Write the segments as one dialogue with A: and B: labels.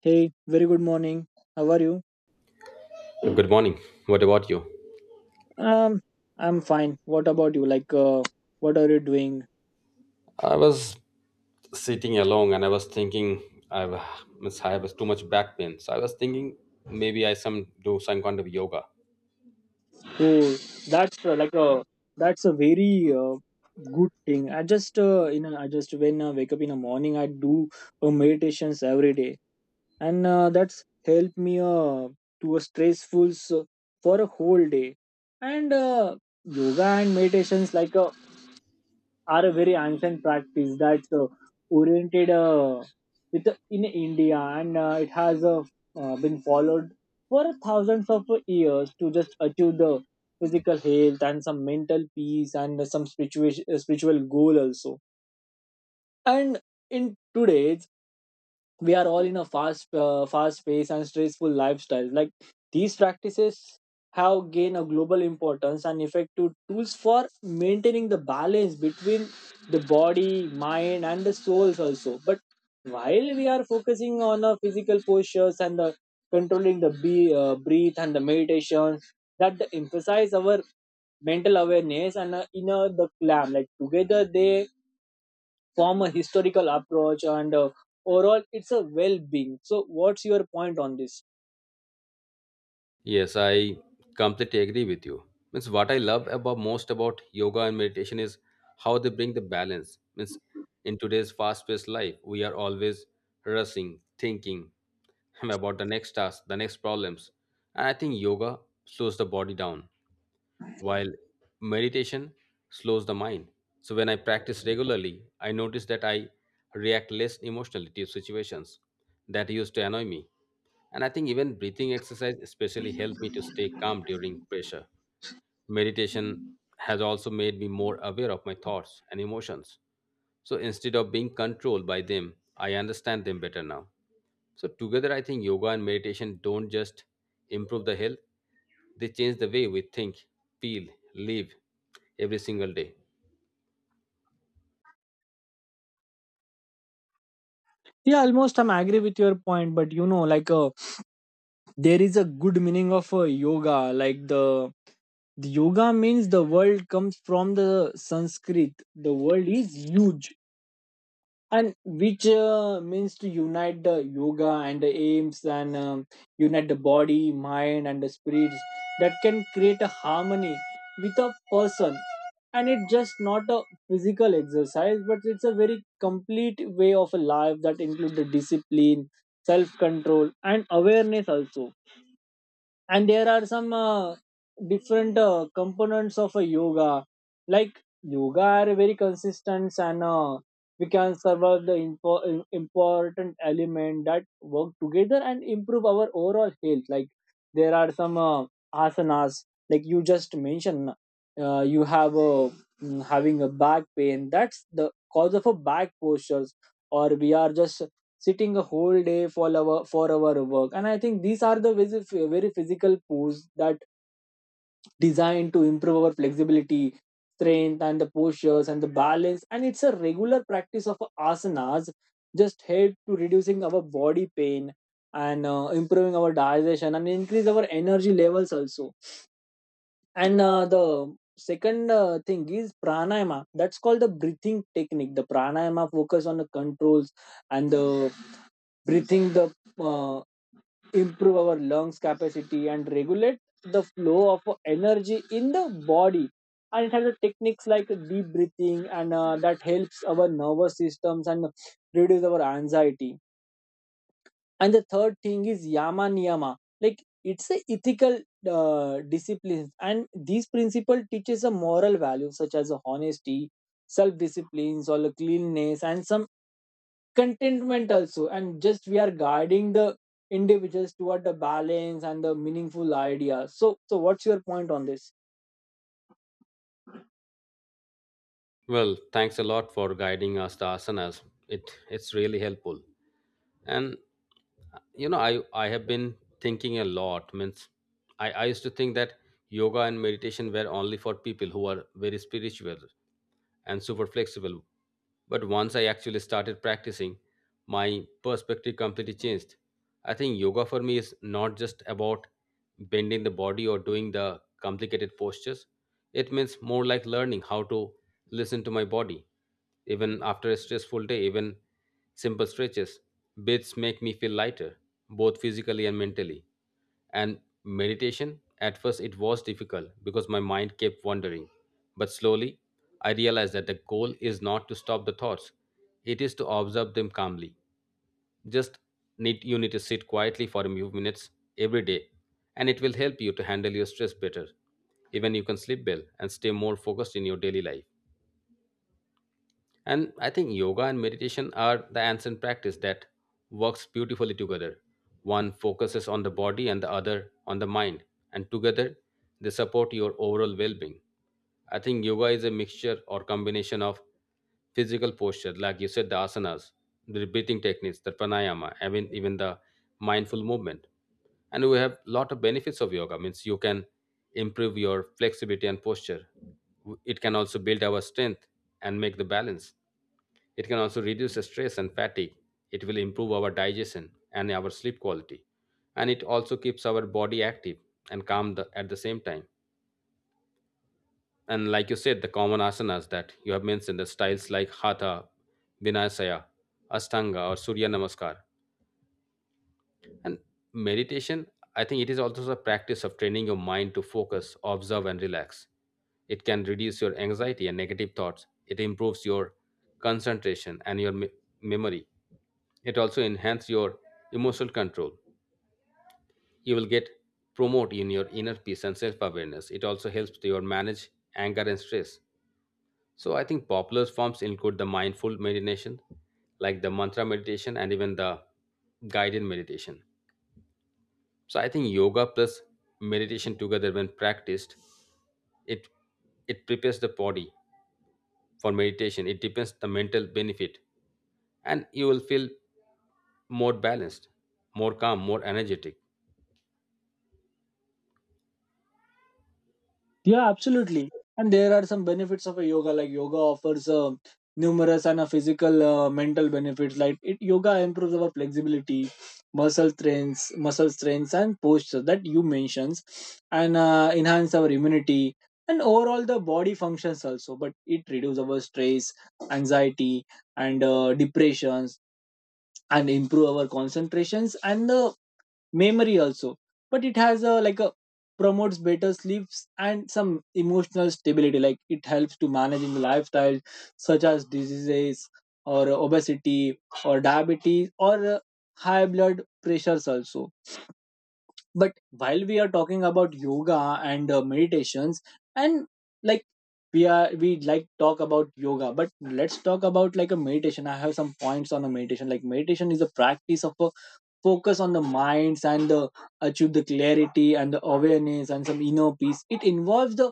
A: Hey, very good morning. How are you?
B: Good morning. What about you?
A: Um, I'm fine. What about you? What are you doing?
B: I was sitting alone and I was thinking I have too much back pain. So I was thinking maybe I some do some kind of yoga.
A: Oh, that's like a that's a very good thing. I just I just when I wake up in the morning, I do meditations every day, and that's helped me to a stressful for a whole day. And yoga and meditations like a are a very ancient practice that's oriented with in India, and it has been followed for thousands of years to just achieve the physical health and some mental peace and some spiritual spiritual goal also. And in today's we are all in a fast fast paced and stressful lifestyle like these practices have gained a global importance and effective tools for maintaining the balance between the body mind and the souls also, but while we are focusing on the physical postures and the controlling the breathe and the meditation that emphasize our mental awareness and inner the calm, like together they from a historical approach and overall it's a well-being. So what's your point on this?
B: Yes, I completely agree with you. Means what I love about most about yoga and meditation is how they bring the balance. Means in today's fast-paced life, we are always rushing, thinking about the next task, the next problems. And I think yoga slows the body down while meditation slows the mind. So when I practice regularly, I notice that I react less emotionally to situations that used to annoy me. And I think even breathing exercise especially helped me to stay calm during pressure. Meditation has also made me more aware of my thoughts and emotions. So instead of being controlled by them, I understand them better now. So together, I think yoga and meditation don't just improve the health; they change the way we think, feel, live every single day.
A: Yeah, almost I'm agree with your point, but you know there is a good meaning of yoga like the yoga means the world comes from the Sanskrit. The world is huge and which means to unite the yoga and the aims, and unite the body mind and the spirits that can create a harmony with a person. And it's just not a physical exercise, but it's a very complete way of a life that includes the discipline, self control and awareness also. And there are some different components of a yoga like yoga are very consistent, and we can survive the important element that work together and improve our overall health. Like there are some asanas, like you just mentioned you have a having a back pain. That's the cause of a back postures, or we are just sitting a whole day for our work. And I think these are the very physical pose that designed to improve our flexibility, strength and the postures and the balance. And it's a regular practice of asanas just help to reducing our body pain and improving our digestion and increase our energy levels also. And the second thing is pranayama. That's called the breathing technique. The pranayama focus on the controls and the breathing, the uh, improve our lungs capacity and regulate the flow of energy in the body. And it has the techniques like deep breathing, and that helps our nervous systems and reduce our anxiety. And the third thing is yama niyama, like it's a ethical disciplines, and these principle teaches a moral value such as a honesty, self disciplines or the cleanliness and some contentment also, and just we are guiding the individuals toward the balance and the meaningful idea. So what's your point on this?
B: Well, thanks a lot for guiding us the asanas. It it's really helpful. And you know, I have been thinking a lot. Means I used to think that yoga and meditation were only for people who are very spiritual, and super flexible. But once I actually started practicing, my perspective completely changed. I think yoga for me is not just about bending the body or doing the complicated postures. It means more like learning how to listen to my body. Even after a stressful day, even simple stretches, bits make me feel lighter, both physically and mentally. And meditation at first, it was difficult because my mind kept wandering, but slowly I realized that the goal is not to stop the thoughts, it is to observe them calmly. Just need, you need to sit quietly for a few minutes every day, and it will help you to handle your stress better. Even you can sleep well and stay more focused in your daily life. And I think yoga and meditation are the ancient practice that works beautifully together. One focuses on the body and the other on the mind, and together they support your overall well being. I think yoga is a mixture or combination of physical posture, like you said, the asanas, the breathing techniques, the pranayama, I mean, even the mindful movement. And we have lot of benefits of yoga. Means you can improve your flexibility and posture. It can also build our strength and make the balance. It can also reduce the stress and fatigue. It will improve our digestion and our sleep quality, and it also keeps our body active and calm the, at the same time. And like you said, the common asanas that you have mentioned, the styles like hatha, vinayasaya, ashtanga, or surya namaskar. And meditation, I think it is also a practice of training your mind to focus, observe, and relax. It can reduce your anxiety and negative thoughts. It improves your concentration and your memory. It also enhances your emotional control. You will get promote in your inner peace and self-awareness. It also helps to your manage anger and stress. So I think popular forms include the mindful meditation, like the mantra meditation and even the guided meditation. So I think yoga plus meditation together when practiced, it it prepares the body for meditation. It depends the mental benefit, and you will feel more balanced, more calm, more energetic.
A: Yeah, absolutely. And there are some benefits of a yoga. Like yoga offers numerous and physical, mental benefits. Yoga improves our flexibility, muscle strengths, and posture that you mentions, and enhance our immunity and overall the body functions also. But it reduces our stress, anxiety, and depressions, and improve our concentrations and the memory also, but it has a promotes better sleeps and some emotional stability, like it helps to managing lifestyle such as diseases or obesity or diabetes or high blood pressures also. But while we are talking about yoga and meditations and like we like talk about yoga, but let's talk about like a meditation. I have some points on a meditation. Like meditation is a practice of a focus on the minds and the achieve the clarity and the awareness and some inner peace. It involves the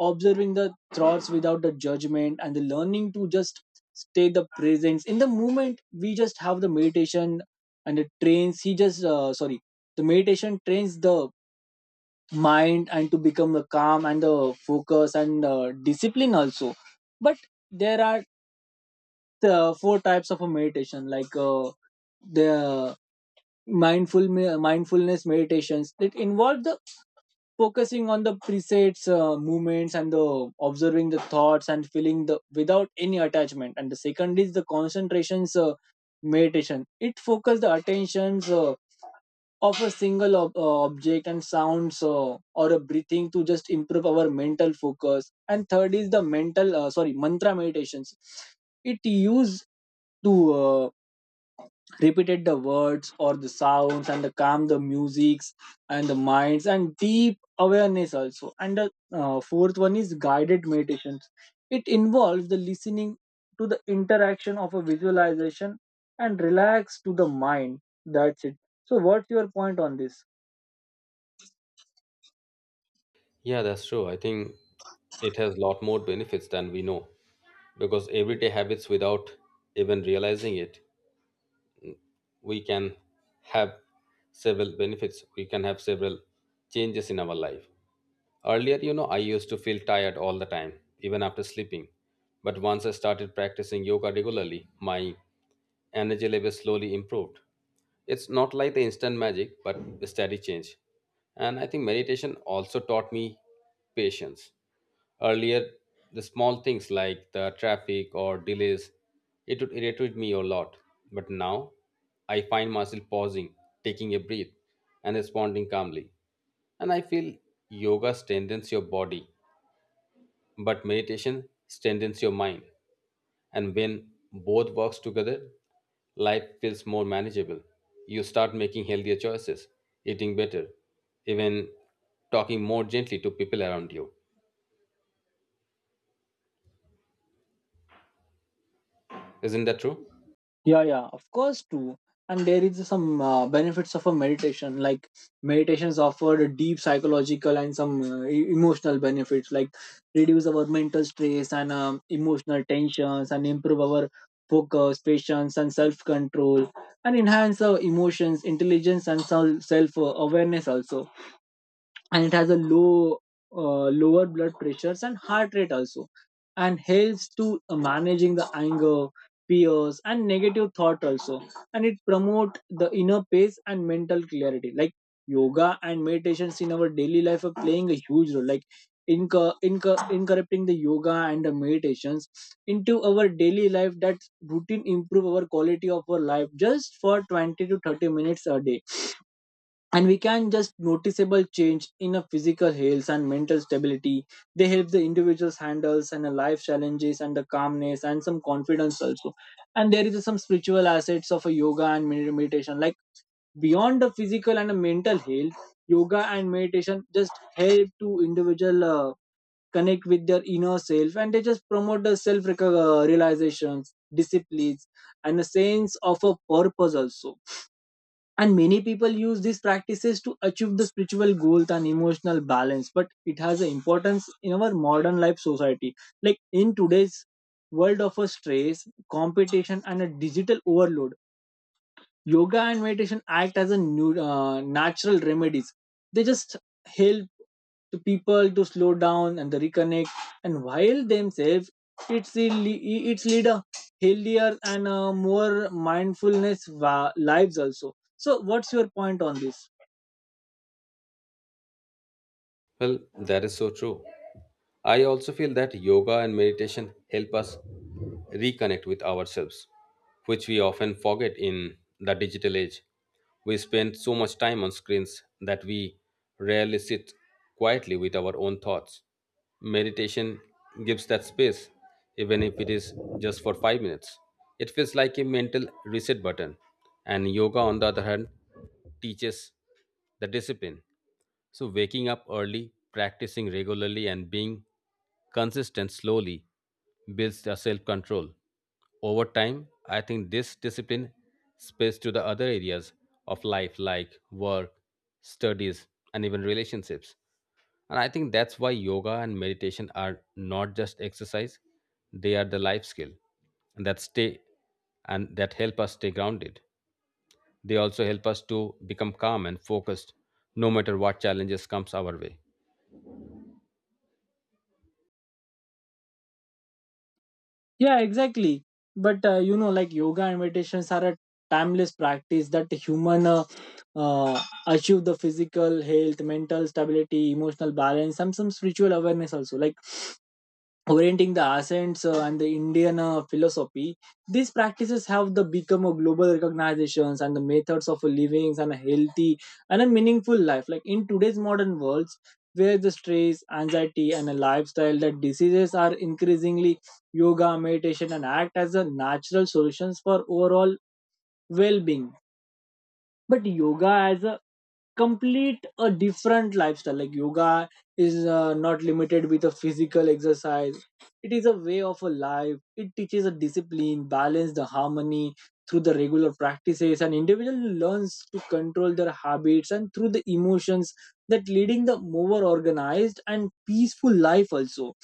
A: observing the thoughts without the judgment, and the learning to just stay the presence in the moment. We just have the meditation, and the trains he just sorry the meditation trains the mind and to become the calm and the focus and discipline also. But there are four types of a meditation, like the mindfulness meditations that involve the focusing on the presets movements and the observing the thoughts and feeling the without any attachment. And the second is the concentrations meditation. It focuses the attentions of a single object and sounds or a breathing to just improve our mental focus. And third is the mental sorry mantra meditations. It used to uh, repeat the words or the sounds and the calm the musics and the minds and deep awareness also. And the fourth one is guided meditations. It involves the listening to the interaction of a visualization and relax to the mind. That's it. So what's your point on this?
B: Yeah, that's true. I think it has a lot more benefits than we know, because everyday habits without even realizing it, we can have several benefits. We can have several changes in our life. Earlier, you know, I used to feel tired all the time, even after sleeping. But once I started practicing yoga regularly, my energy levels slowly improved. It's not like the instant magic, but a steady change. And I think meditation also taught me patience. Earlier, the small things like the traffic or delays, it would irritate me a lot. But now, I find myself pausing, taking a breath, and responding calmly. And I feel yoga strengthens your body, but meditation strengthens your mind. And when both works together, life feels more manageable. You start making healthier choices, eating better, even talking more gently to people around you. Isn't that true?
A: Yeah, yeah, of course too. And there is some benefits of a meditation. Like meditations offer deep psychological and some emotional benefits, like reduce our mental stress and emotional tensions, and improve our focus, patience and self control, and enhance our emotions intelligence and self awareness also. And it has a lower blood pressures and heart rate also, and helps to managing the anger, fears and negative thought also. And it promote the inner peace and mental clarity. Like yoga and meditations in our daily life are playing a huge role, like incorporating the yoga and the meditations into our daily life that routine improve our quality of our life just for 20 to 30 minutes a day, and we can just noticeable change in a physical health and mental stability. They help the individuals handles and a life challenges and the calmness and some confidence also. And there is some spiritual assets of a yoga and meditation. Like beyond the physical and the mental health, yoga and meditation just help to individual connect with their inner self, and they just promote the self realizations, disciplines and a sense of a purpose also. And many people use these practices to achieve the spiritual goals and emotional balance, but it has an importance in our modern life society. Like in today's world of a stress, competition, and a digital overload, yoga and meditation act as a new natural remedies. They just help to people to slow down and the reconnect and while themselves. It's really it's lead a healthier and more mindfulness lives also. So what's your point on this?
B: Well, that is so true. I also feel that yoga and meditation help us reconnect with ourselves, which we often forget in the digital age. We spend so much time on screens that we rarely sit quietly with our own thoughts. Meditation gives that space, even if it is just for 5 minutes. It feels like a mental reset button, and yoga, on the other hand, teaches the discipline. So, waking up early, practicing regularly, and being consistent slowly builds the self control. Over time, I think this discipline spills to the other areas of life like work, studies, and even relationships. And I think that's why yoga and meditation are not just exercise, they are the life skill and that stay and that help us stay grounded. They also help us to become calm and focused no matter what challenges comes our way.
A: Yeah, exactly. But you know, like yoga and meditations are a timeless practice that human uh, achieve the physical health, mental stability, emotional balance and some spiritual awareness also, like orienting the Ascents and the Indian philosophy, these practices have the become a global recognitions and the methods of living and a healthy and a meaningful life. Like in today's modern worlds, where the stress, anxiety, and a lifestyle that diseases are increasingly, yoga, meditation, and act as a natural solutions for overall well-being. But yoga as a complete a different lifestyle, like yoga is not limited with a physical exercise. It is a way of a life. It teaches a discipline, balance, the harmony. Through the regular practices and individual learns to control their habits and through the emotions, that leading the more organized and peaceful life also.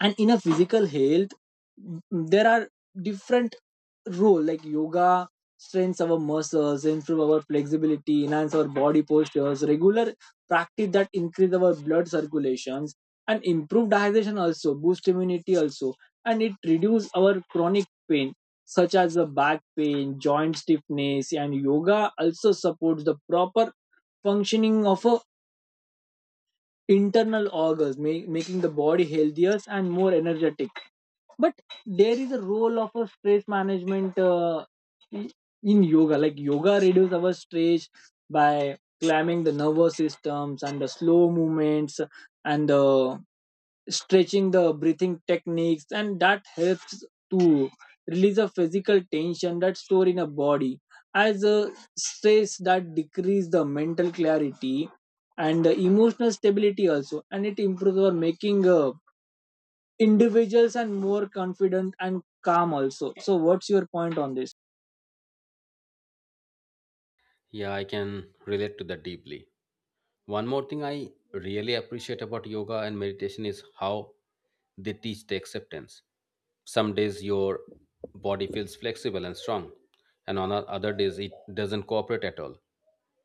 A: And in a physical health, there are different role, like yoga strengthens our muscles, improve our flexibility, enhance our body postures. Regular practice that increase our blood circulations and improve digestion also, boost immunity also, and it reduce our chronic pain such as the back pain, joint stiffness. And yoga also supports the proper functioning of a internal organs, making the body healthier and more energetic. But there is a role of a stress management in yoga, like yoga reduces our stress by climbing the nervous systems and the slow movements and the stretching the breathing techniques, and that helps to release a physical tension that's stored in a body as a stress, that decrease the mental clarity and the emotional stability also. And it improves our making individuals and more confident and calm also. So what's your point on this?
B: Yeah, I can relate to that deeply. One more thing I really appreciate about yoga and meditation is how they teach the acceptance. Some days your body feels flexible and strong, and on other days it doesn't cooperate at all.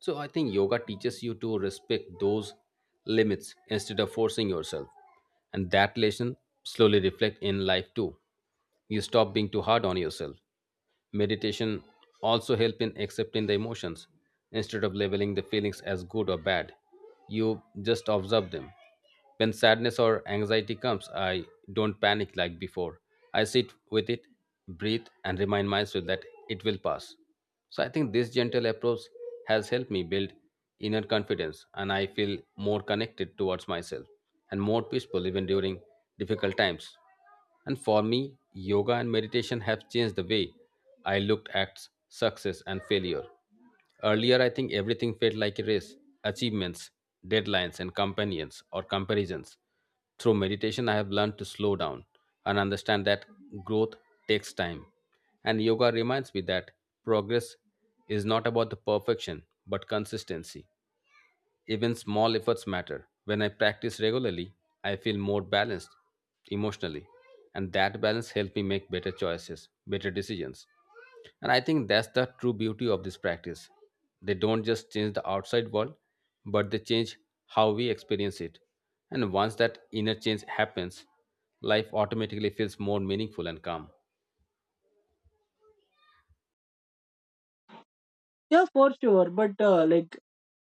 B: So I think yoga teaches you to respect those limits instead of forcing yourself. And that lesson slowly reflect in life too. You stop being too hard on yourself. Meditation also help in accepting the emotions instead of labeling the feelings as good or bad. You just observe them. When sadness or anxiety comes, I don't panic like before. I sit with it, breathe, and remind myself that it will pass. So I think this gentle approach has helped me build inner confidence, and I feel more connected towards myself and more peaceful even during difficult times. And for me, yoga and meditation have changed the way I looked at success and failure. Earlier, I think everything felt like a race, achievements, deadlines, and companions or comparisons. Through meditation, I have learned to slow down and understand that growth takes time. And yoga reminds me that progress is not about the perfection, but consistency. Even small efforts matter. When I practice regularly, I feel more balanced emotionally, and that balance helps me make better choices, better decisions. And I think that's the true beauty of this practice. They don't just change the outside world, but they change how we experience it. And once that inner change happens, life automatically feels more meaningful and calm.
A: Yeah, for sure. But like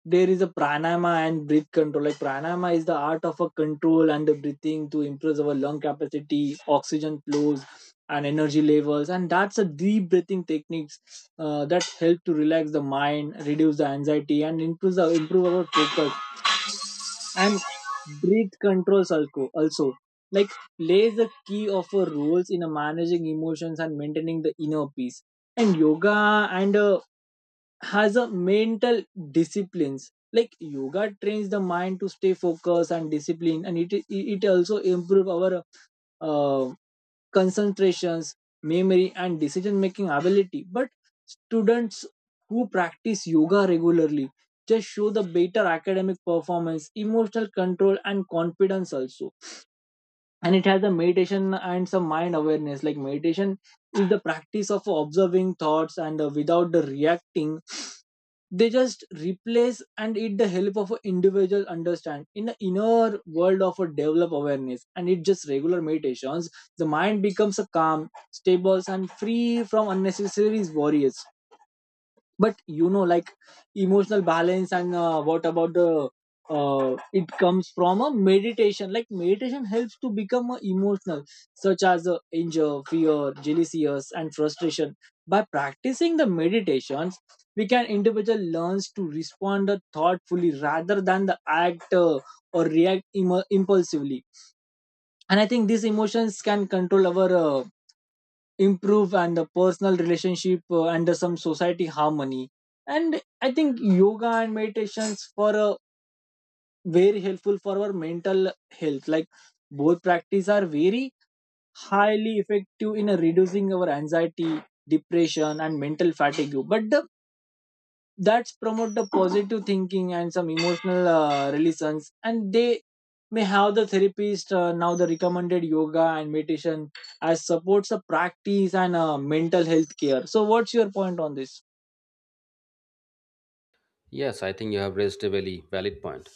A: there is a pranayama and breath control. Like pranayama is the art of a control and the breathing to improve our lung capacity, oxygen flows and energy levels, and that's a deep breathing techniques that help to relax the mind, reduce the anxiety and improve our focus and breath controls also, like plays the key of a roles in a managing emotions and maintaining the inner peace. And yoga and Has a mental disciplines like yoga trains the mind to stay focused and disciplined, and it also improve our uh, concentrations, memory, and decision making ability. But students who practice yoga regularly just show the better academic performance, emotional control, and confidence also. And it has a meditation and some mind awareness. Like meditation is the practice of observing thoughts, and without the reacting they just replace, and it the help of an individual understand in the inner world of a develop awareness. And it just regular meditations the mind becomes a calm stable and free from unnecessary worries. But you know like emotional balance and what about the it comes from a meditation. Like meditation helps to become emotional, such as anger, fear, jealousies, and frustration. By practicing the meditations, we can individual learns to respond thoughtfully rather than the act or react impulsively. And I think these emotions can control our improve and the personal relationship, and the some society harmony. And I think yoga and meditations for very helpful for our mental health. Like both practice are very highly effective in reducing our anxiety, depression, and mental fatigue. But the that's promote the positive thinking and some emotional relations, and they may have the therapist. Now the recommended yoga and meditation as supports a practice and mental health care. So what's your point on this?
B: Yes, I think you have raised a very valid point.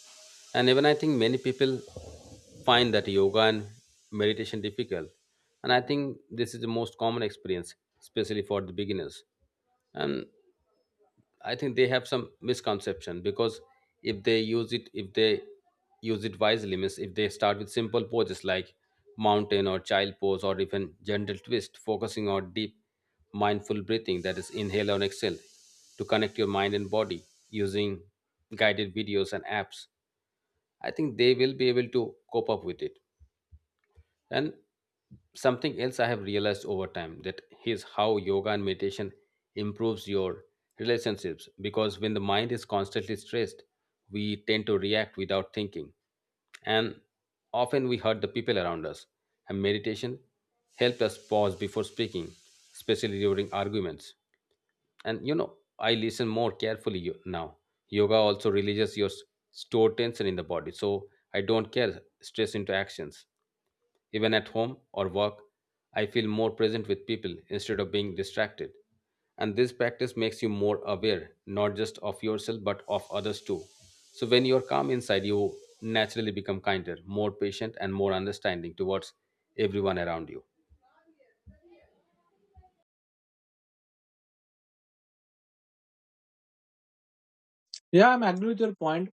B: And even I think many people find that yoga and meditation difficult. And I think this is the most common experience, especially for the beginners. And I think they have some misconception because if they use it wisely, means if they start with simple poses like mountain or child pose or even gentle twist, focusing on deep mindful breathing, that is inhale and exhale to connect your mind and body using guided videos and apps, I think they will be able to cope up with it. And something else I have realized over time, that is how yoga and meditation improves your relationships, because when the mind is constantly stressed, we tend to react without thinking and often we hurt the people around us. And meditation helped us pause before speaking, especially during arguments. And you know, I listen more carefully now. Yoga also releases your stored tension in the body, so I don't care stress into actions. Even at home or work, I feel more present with people instead of being distracted. And this practice makes you more aware, not just of yourself, but of others too. So when you're calm inside, you naturally become kinder, more patient, and more understanding towards everyone around you.
A: Yeah, I'm agree with your point,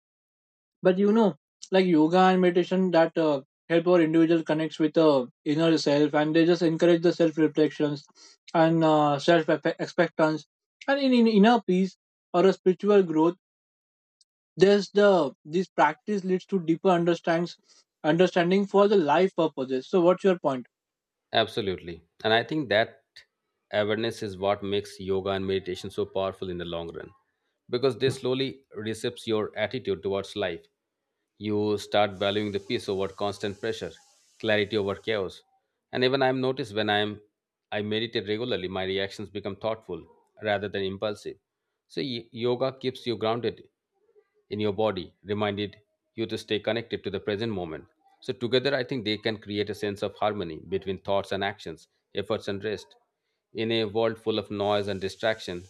A: but you know, like yoga and meditation that help our individual connects with inner self, and they just encourage the self reflections and self expectance and in inner peace or a spiritual growth. There's the this practice leads to deeper understands understanding for the life purposes. So what's your point?
B: Absolutely. And I think that awareness is what makes yoga and meditation so powerful in the long run, because they slowly reshapes your attitude towards life. You start valuing the peace over constant pressure, clarity over chaos. And even I've noticed when I meditate regularly, my reactions become thoughtful rather than impulsive. So yoga keeps you grounded in your body, reminded you to stay connected to the present moment. So, together, I think they can create a sense of harmony between thoughts and actions, efforts and rest. In a world full of noise and distraction,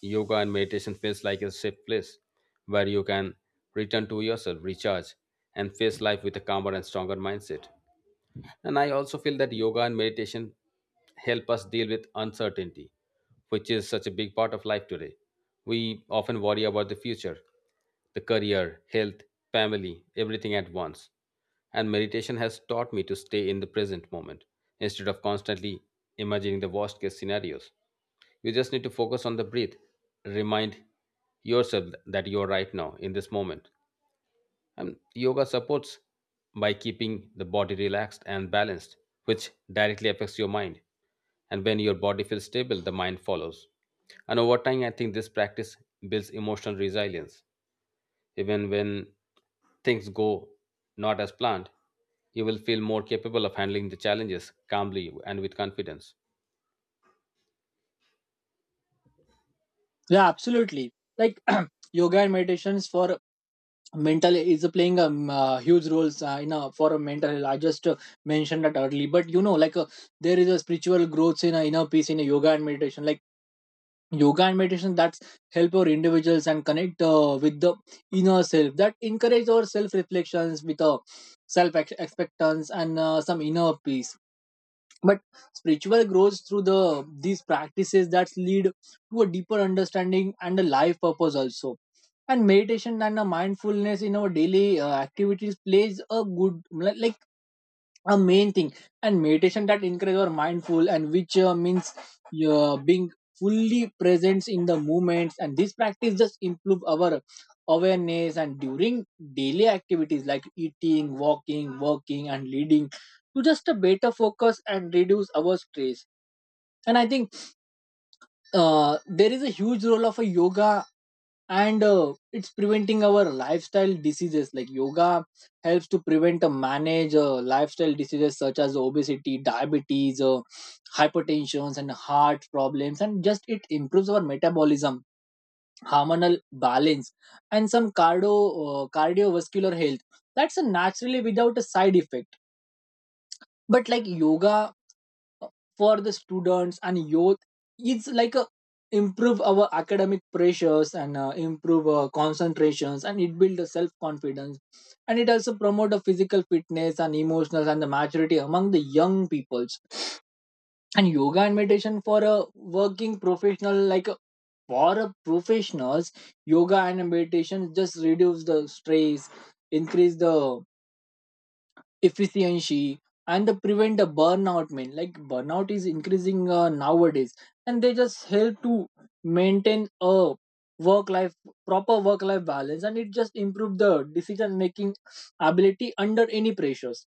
B: yoga and meditation feels like a safe place where you can return to yourself, recharge, and face life with a calmer and stronger mindset. And I also feel that yoga and meditation help us deal with uncertainty, which is such a big part of life today. We often worry about the future, the career, health, family, everything at once. And meditation has taught me to stay in the present moment instead of constantly imagining the worst case scenarios. You just need to focus on the breath. Remind yourself that you are right now in this moment, and yoga supports by keeping the body relaxed and balanced, which directly affects your mind. And when your body feels stable, the mind follows. And over time, I think this practice builds emotional resilience. Even when things go not as planned, you will feel more capable of handling the challenges calmly and with confidence.
A: Yeah, absolutely. Like yoga and meditations for mental is playing a huge roles in a for a mental health. I just mentioned that early, but you know, like there is a spiritual growth in a inner peace in a yoga and meditation. Like yoga and meditation that's help our individuals and connect with the inner self that encourage our self reflections with a self expectance and some inner peace, but spiritual grows through the these practices that lead to a deeper understanding and a life purpose also. And meditation and a mindfulness in our daily activities plays a good, like a main thing. And meditation that encourage our mindful and which means being fully present in the moments, and this practice just improve our awareness and during daily activities like eating, walking, working, and leading to just a better focus and reduce our stress. And I think there is a huge role of a yoga, and it's preventing our lifestyle diseases. Like yoga helps to prevent and manage lifestyle diseases such as obesity, diabetes, hypertension, and heart problems, and just it improves our metabolism, hormonal balance, and some cardiovascular health. That's a naturally without a side effect. But like yoga for the students and youth, it's like a improve our academic pressures and improve concentrations, and it build a self confidence, and it also promote a physical fitness and emotional and the maturity among the young peoples. And yoga and meditation for a working professional, like for a professionals, yoga and meditation just reduce the stress, increase the efficiency, and the prevent the burnout, man. Like burnout is increasing nowadays, and they just help to maintain a work life proper work life balance, and it just improve the decision making ability under any pressures.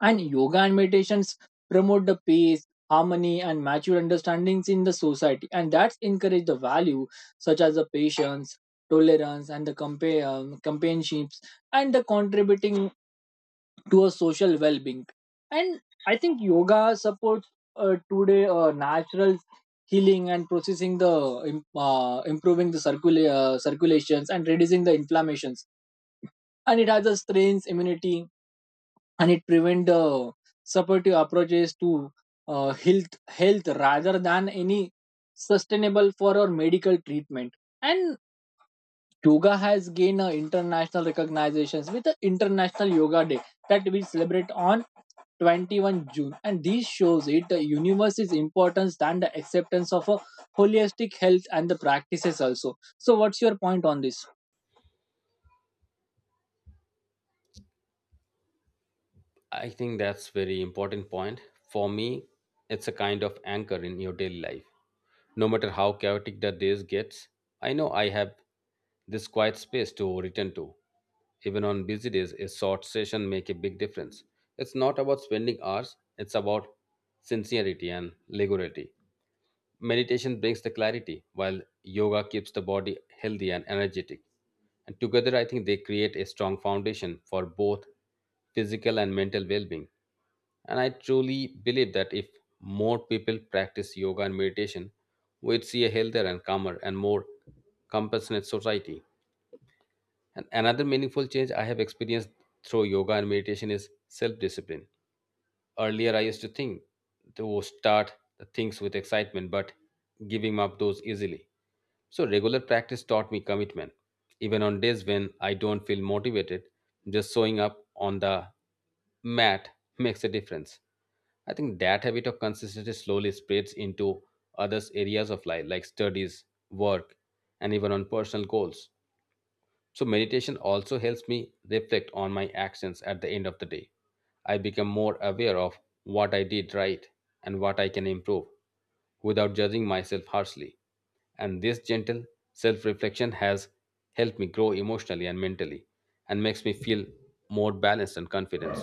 A: And yoga and meditations promote the peace, harmony, and mature understandings in the society, and that's encourage the value such as the patience, tolerance, and the companionships and the contributing to a social well-being. And I think yoga supports today natural healing and processing the improving the circulations and reducing the inflammations, and it has a strength immunity, and it prevent the supportive approaches to uh, health health rather than any sustainable for our medical treatment. And yoga has gained international recognitions with the International Yoga Day that we celebrate on 21st June. And this shows it the universe's importance and the acceptance of a holistic health and the practices also. So, what's your point on this?
B: I think that's very important point. For me, it's a kind of anchor in your daily life. No matter how chaotic the days gets, I know I have this quiet space to return to. Even on busy days, a short session make a big difference. It's not about spending hours, it's about sincerity and regularity. Meditation brings the clarity, while yoga keeps the body healthy and energetic. And together, I think they create a strong foundation for both physical and mental well being. And I truly believe that if more people practice yoga and meditation, we'd see a healthier and calmer and more compassionate society. And another meaningful change I have experienced through yoga and meditation is self discipline. Earlier, I used to think to start things with excitement, but giving up those easily. So, regular practice taught me commitment. Even on days when I don't feel motivated, just showing up on the mat makes a difference. I think that habit of consistency slowly spreads into other areas of life, like studies, work, and even on personal goals. So, meditation also helps me reflect on my actions at the end of the day. I become more aware of what I did right and what I can improve without judging myself harshly. And this gentle self reflection has helped me grow emotionally and mentally, and makes me feel more balanced and confident.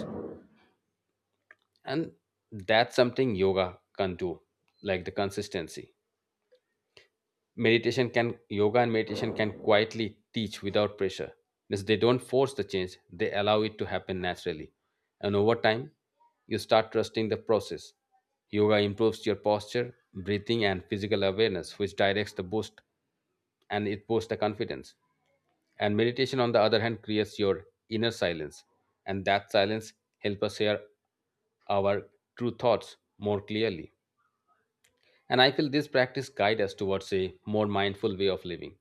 B: And that's something yoga can do, like the consistency meditation can, yoga and meditation can quietly teach without pressure, because they don't force the change, they allow it to happen naturally. And over time, you start trusting the process. Yoga improves your posture, breathing, and physical awareness, which directs the boost, and it boosts the confidence. And meditation, on the other hand, creates your inner silence, and that silence helps us hear our true thoughts more clearly. And I feel this practice guides us towards a more mindful way of living,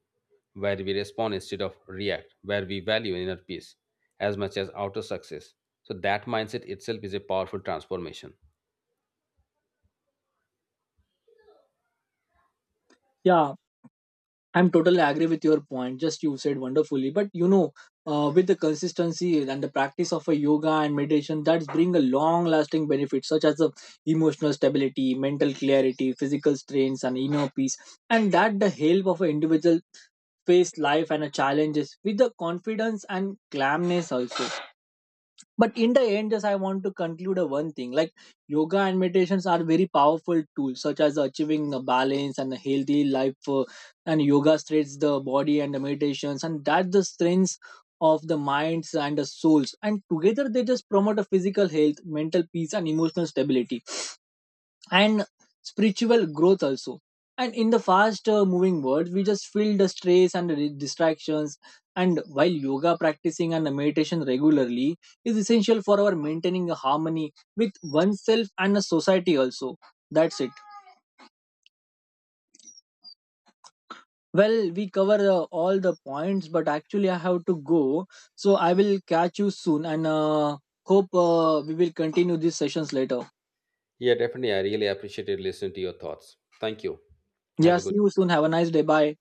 B: where we respond instead of react, where we value inner peace as much as outer success. So that mindset itself is a powerful transformation.
A: Yeah, I'm totally agree with your point. Just you said wonderfully, but you know, with the consistency and the practice of a yoga and meditation, that's bring a long-lasting benefit, such as the emotional stability, mental clarity, physical strength, and inner peace, and that the help of an individual face life and a challenges with the confidence and calmness also. But in the end, just I want to conclude a one thing. Like yoga and meditations are very powerful tools such as achieving a balance and a healthy life. And yoga strengthens the body, and the meditations and that the strengths of the minds and the souls, and together they just promote a physical health, mental peace, and emotional stability, and spiritual growth also. And in the fast moving world, we just feel the stress and the distractions, and while yoga practicing and meditation regularly is essential for our maintaining a harmony with oneself and a society also. That's it. Well, we cover all the points, but actually I have to go, so I will catch you soon, and hope we will continue these sessions later.
B: Yeah, definitely. I really appreciated listening to your thoughts. Thank you. Have
A: Yeah,
B: a
A: see
B: good
A: you soon. Have a nice day. Bye.